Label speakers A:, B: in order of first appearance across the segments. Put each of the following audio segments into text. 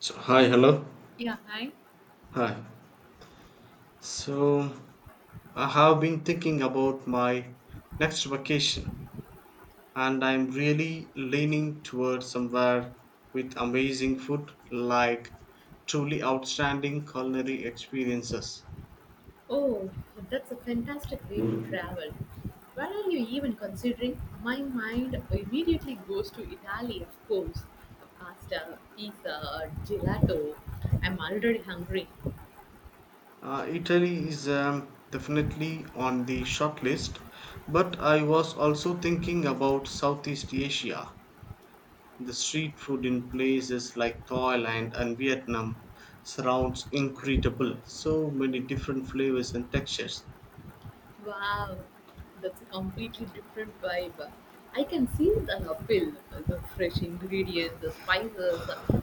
A: So, hi, hello.
B: Yeah, hi.
A: Hi. So, I have been thinking about my next vacation and I'm really leaning towards somewhere with amazing food, like truly outstanding culinary experiences.
B: Oh, that's a fantastic way to travel. Where are you even considering? My mind immediately goes to Italy, of course. Pasta, pizza, gelato. I'm already hungry.
A: Italy is definitely on the short list, but I was also thinking about Southeast Asia. The street food in places like Thailand and Vietnam surrounds incredible. So many different flavors and textures.
B: Wow, that's a completely different vibe. I can see the appeal, the fresh ingredients, the spices.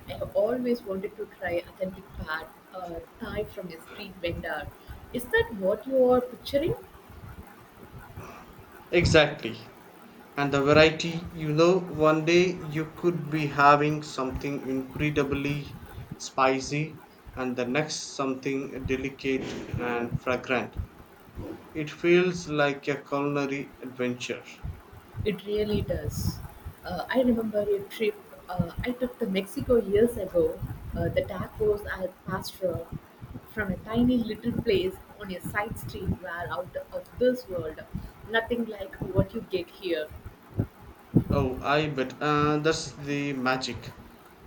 B: I have always wanted to try authentic pad, uh, Thai from a street vendor. Is that what you are picturing?
A: Exactly. And the variety, you know, one day you could be having something incredibly spicy and the next something delicate and fragrant. It feels like a culinary adventure.
B: It really does. I remember a trip I took to Mexico years ago. The tacos al pastor from a tiny little place on a side street were out of this world. Nothing like what you get here.
A: Oh, I bet. That's the magic,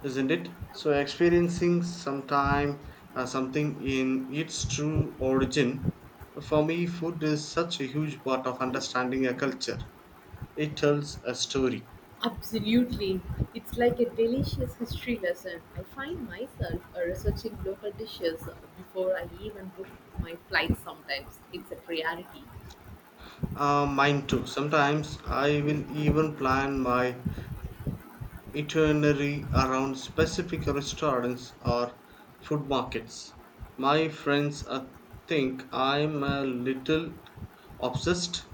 A: isn't it? So experiencing sometime something in its true origin. For me, food is such a huge part of understanding a culture. It tells a story.
B: Absolutely. It's like a delicious history lesson. I find myself researching local dishes before I even book my flight sometimes. It's a priority.
A: Mine too. Sometimes I will even plan my itinerary around specific restaurants or food markets. My friends think I'm a little obsessed,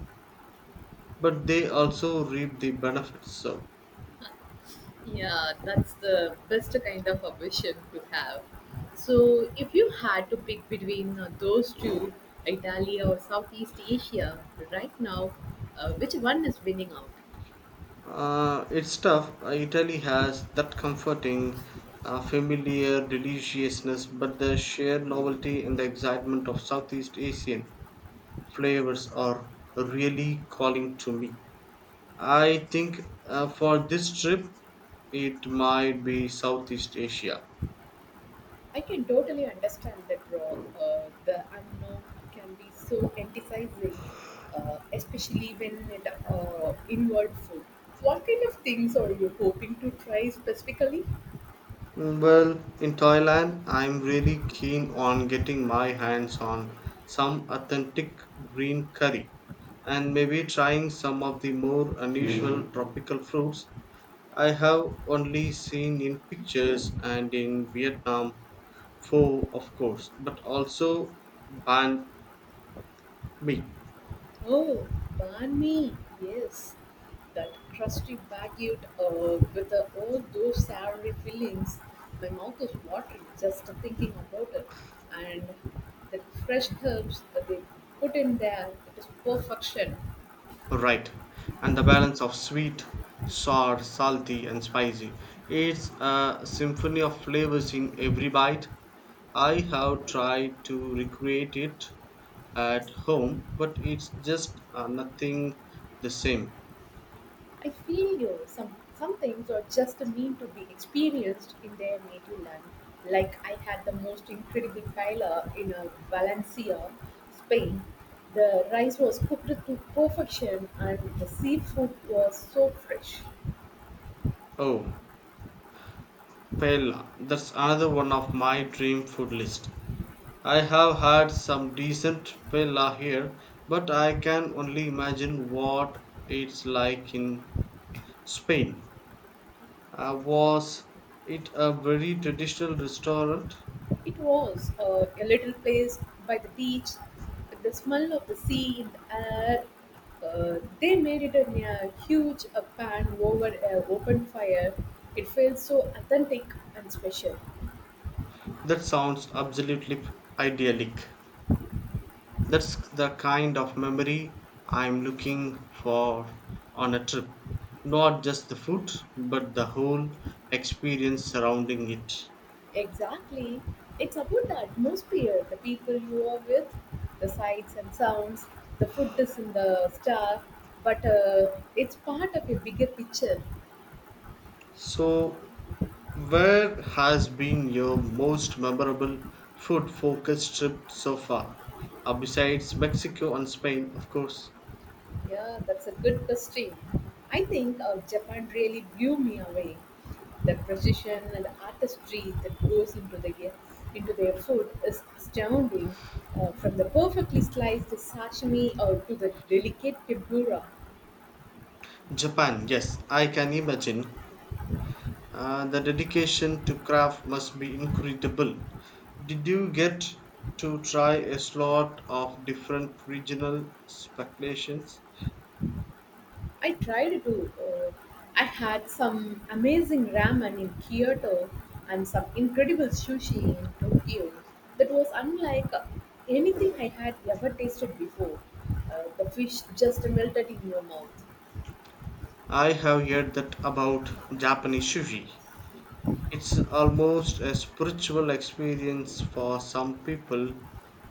A: but they also reap the benefits. So
B: Yeah, that's the best kind of ambition to have. So, if you had to pick between those two, Italy or Southeast Asia, right now, which one is winning out?
A: it's tough. Italy has that comforting, familiar deliciousness, but the sheer novelty and the excitement of Southeast Asian flavors are really calling to me. I think for this trip, it might be Southeast Asia.
B: I can totally understand that raw, the unknown can be so enticing, especially when it inward food. What kind of things are you hoping to try specifically?
A: Well, in Thailand, I'm really keen on getting my hands on some authentic green curry and maybe trying some of the more unusual tropical fruits I have only seen in pictures, and in Vietnam pho, of course, but also banh mi.
B: Oh, banh mi. Yes, that crusty baguette with all those savory fillings. My mouth is watering just thinking about it. And the fresh herbs that they put in there, it is perfection.
A: Right. And the balance of sweet, sour, salty, and spicy. It's a symphony of flavors in every bite. I have tried to recreate it at home, but it's just nothing the same.
B: I feel you. Some things are just meant to be experienced in their native land. Like I had the most incredible paella in Valencia, Spain. The rice was cooked to perfection, and the seafood was so fresh.
A: Oh, paella. That's another one of my dream food list. I have had some decent paella here, but I can only imagine what it's like in Spain. Was it a very traditional restaurant?
B: It was a little place by the beach. The smell of the sea in the air. They made it in a yeah, huge pan over an open fire. It felt so authentic and special.
A: That sounds absolutely idyllic. That's the kind of memory I'm looking for on a trip. Not just the food, but the whole experience surrounding it.
B: Exactly. It's about the atmosphere, the people you are with, the sights and sounds, the food is in the star, but it's part of a bigger picture.
A: So, where has been your most memorable food focused trip so far? Besides Mexico and Spain, of course.
B: Yeah, that's a good question. I think Japan really blew me away. The precision and the artistry that goes into the into their food is astounding. From the perfectly sliced sashimi or to the delicate tempura.
A: Japan, yes, I can imagine. The dedication to craft must be incredible. Did you get to try a lot of different regional speculations?
B: I tried to. I had some amazing ramen in Kyoto and some incredible sushi in Tokyo that was unlike anything I had ever tasted before. The fish just melted in your mouth.
A: I have heard that about Japanese sushi. It's almost a spiritual experience for some people.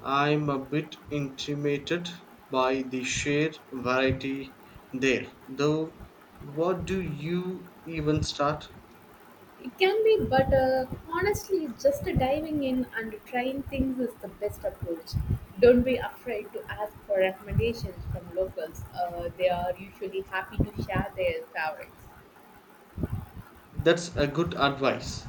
A: I'm a bit intimidated by the sheer variety there. Though, what do you even start?
B: It can be, but honestly, just diving in and trying things is the best approach. Don't be afraid to ask for recommendations from locals. They are usually happy to share their favorites.
A: That's a good advice.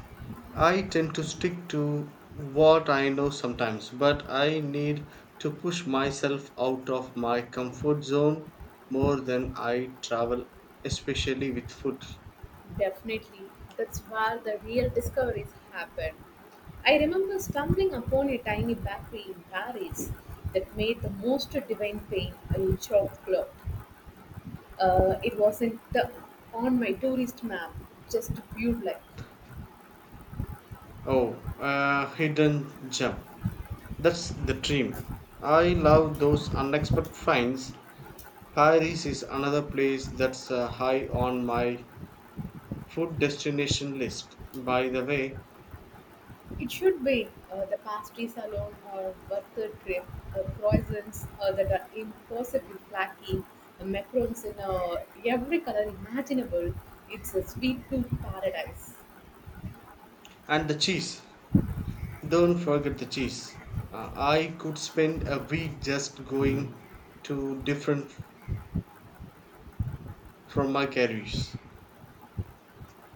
A: I tend to stick to what I know sometimes, but I need to push myself out of my comfort zone more than I travel, especially with food.
B: Definitely. That's where the real discoveries happen. I remember stumbling upon a tiny bakery in Paris that made the most divine pain in chocolate. It wasn't the, on my tourist map, just viewed like
A: Oh, hidden gem. That's the dream. I love those unexpected finds. Paris is another place that's high on my food destination list, by the way.
B: it should be. The pastries alone are worth the trip. The croissants that are impossibly flaky, the macarons in every color imaginable. It's a sweet tooth paradise.
A: And the cheese. Don't forget the cheese. I could spend a week just going to different from my carriers.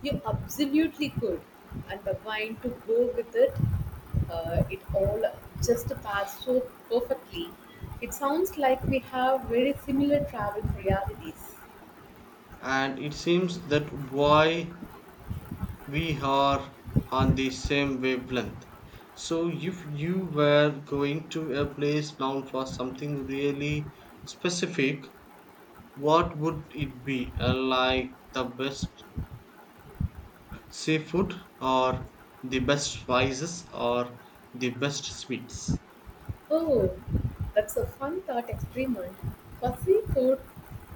B: You absolutely could, and the wine to go with it. It all just passed so perfectly. It sounds like we have very similar travel realities.
A: And it seems that why we are on the same wavelength. So if you were going to a place known for something really specific, what would it be? Like the best seafood or the best spices or the best sweets?
B: Oh, that's a fun thought experiment. For seafood,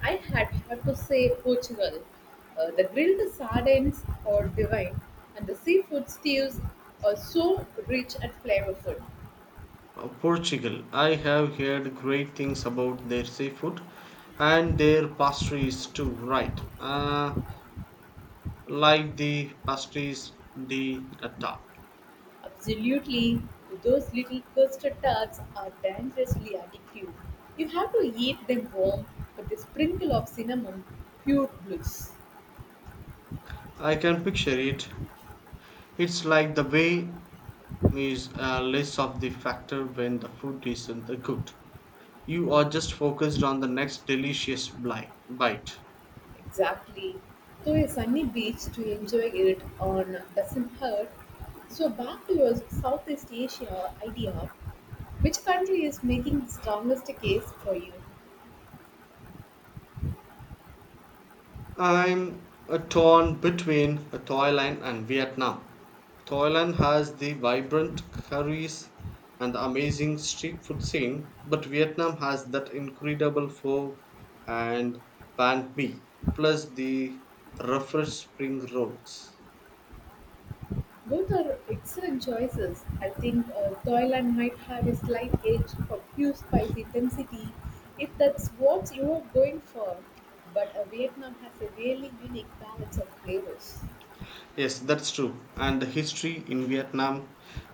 B: I had to say Portugal. The grilled sardines are divine, and the seafood stews are so rich and flavorful.
A: Portugal. I have heard great things about their seafood and their pastries too, right? Like the pastries de nata.
B: Absolutely. Those little custard tarts are dangerously addictive. You have to eat them warm, but the sprinkle of cinnamon, pure bliss.
A: I can picture it. It's like the way is less of the factor when the food isn't good. You are just focused on the next delicious bite.
B: Exactly. To a sunny beach to enjoy it on doesn't hurt. So back to your Southeast Asia idea, which country is making the strongest case for you?
A: I'm torn between Thailand and Vietnam. Thailand has the vibrant curries and the amazing street food scene, but Vietnam has that incredible pho and banh mi, plus the refreshed spring rolls.
B: Both are excellent choices. I think Thailand might have a slight edge for pure spicy intensity if that's what you're going for. But Vietnam has a really unique balance of flavors.
A: Yes, that's true. And the history in Vietnam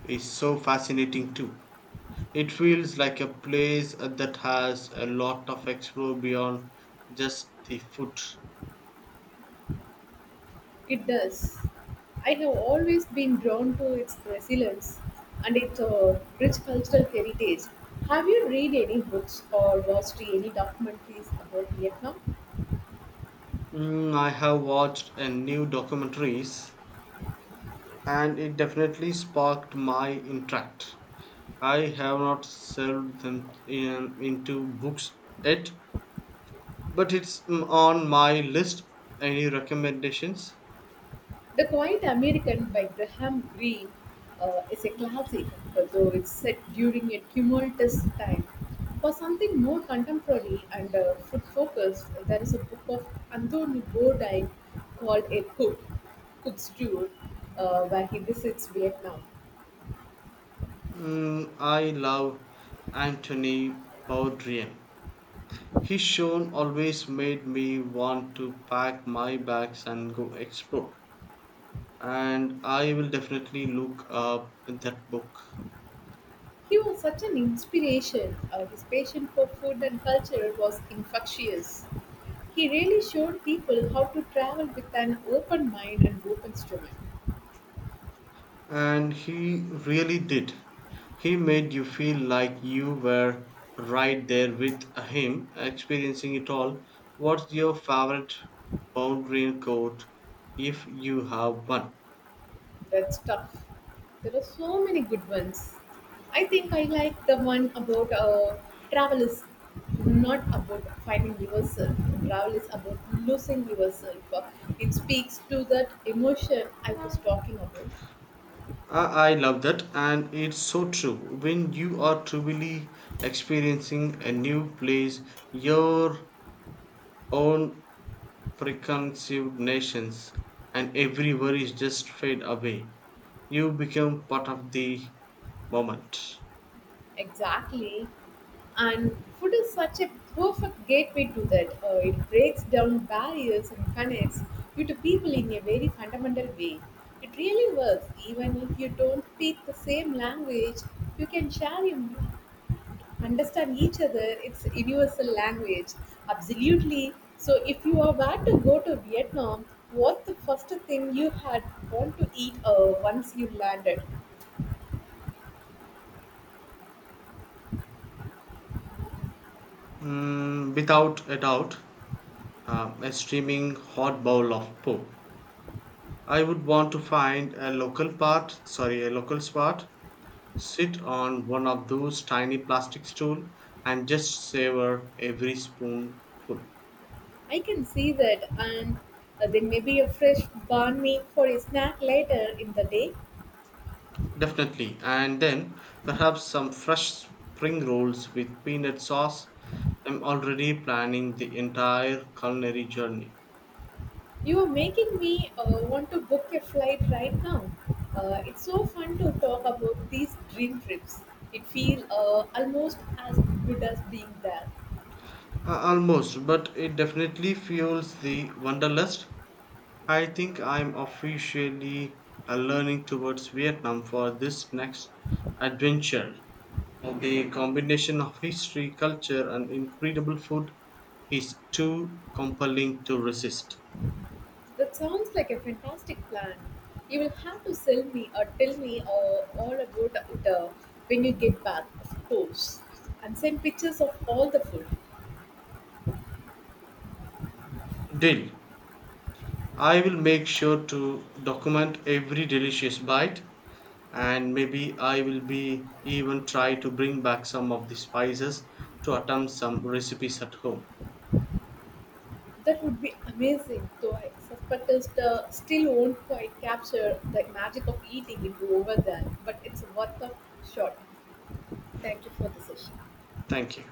A: is so fascinating too. It feels like a place that has a lot of explore beyond just the food.
B: It does. I have always been drawn to its resilience and its rich cultural heritage. Have you read any books or watched any documentaries about Vietnam?
A: Mm, I have watched a new documentaries and it definitely sparked my interest. I have not served them in, into books yet, but it's on my list. Any recommendations?
B: The Quiet American by Graham Greene is a classic, although it's set during a tumultuous time. For something more contemporary and food focused, there is a book of Anthony Bourdain called Cook's Tour, where he visits Vietnam.
A: Mm, I love Anthony Bourdain. His show always made me want to pack my bags and go explore. And I will definitely look up that book.
B: He was such an inspiration. His passion for food and culture was infectious. He really showed people how to travel with an open mind and open stomach.
A: And he really did. He made you feel like you were right there with him, experiencing it all. What's your favorite boundary quote, if you have one?
B: That's tough. There are so many good ones. I think I like the one about travel is not about finding yourself. Travel is about losing yourself. It speaks to that emotion I was talking about.
A: I love that, and it's so true. When you are truly experiencing a new place, your own preconceived notions and every worry just fade away, you become part of the moment.
B: Exactly. And food is such a perfect gateway to that. It breaks down barriers and connects you to people in a very fundamental way. It really works. Even if you don't speak the same language, you can share and understand each other. It's a universal language. Absolutely. So if you are about to go to Vietnam, what's the first thing you had want to eat once you landed?
A: Mm, without a doubt, a streaming hot bowl of pop, I would want to find a local part, sorry, a local spot, sit on one of those tiny plastic stool and just savor every spoonful.
B: I can see that, and there may be a fresh banh mi for a snack later in the day.
A: Definitely. And then perhaps some fresh spring rolls with peanut sauce. I'm already planning the entire culinary journey.
B: You are making me want to book a flight right now. It's so fun to talk about these dream trips. It feels almost as good as being there.
A: Almost, but it definitely fuels the wanderlust. I think I'm officially learning towards Vietnam for this next adventure. The combination of history, culture, and incredible food is too compelling to resist.
B: That sounds like a fantastic plan. You will have to sell me or tell me all about it when you get back, of course, and send pictures of all the food.
A: Deal. I will make sure to document every delicious bite and maybe I will be even try to bring back some of the spices to attempt some recipes at home.
B: That would be amazing, though I suspect it still won't quite capture the magic of eating it over there, but it's worth a shot. Thank you for the session.
A: Thank you.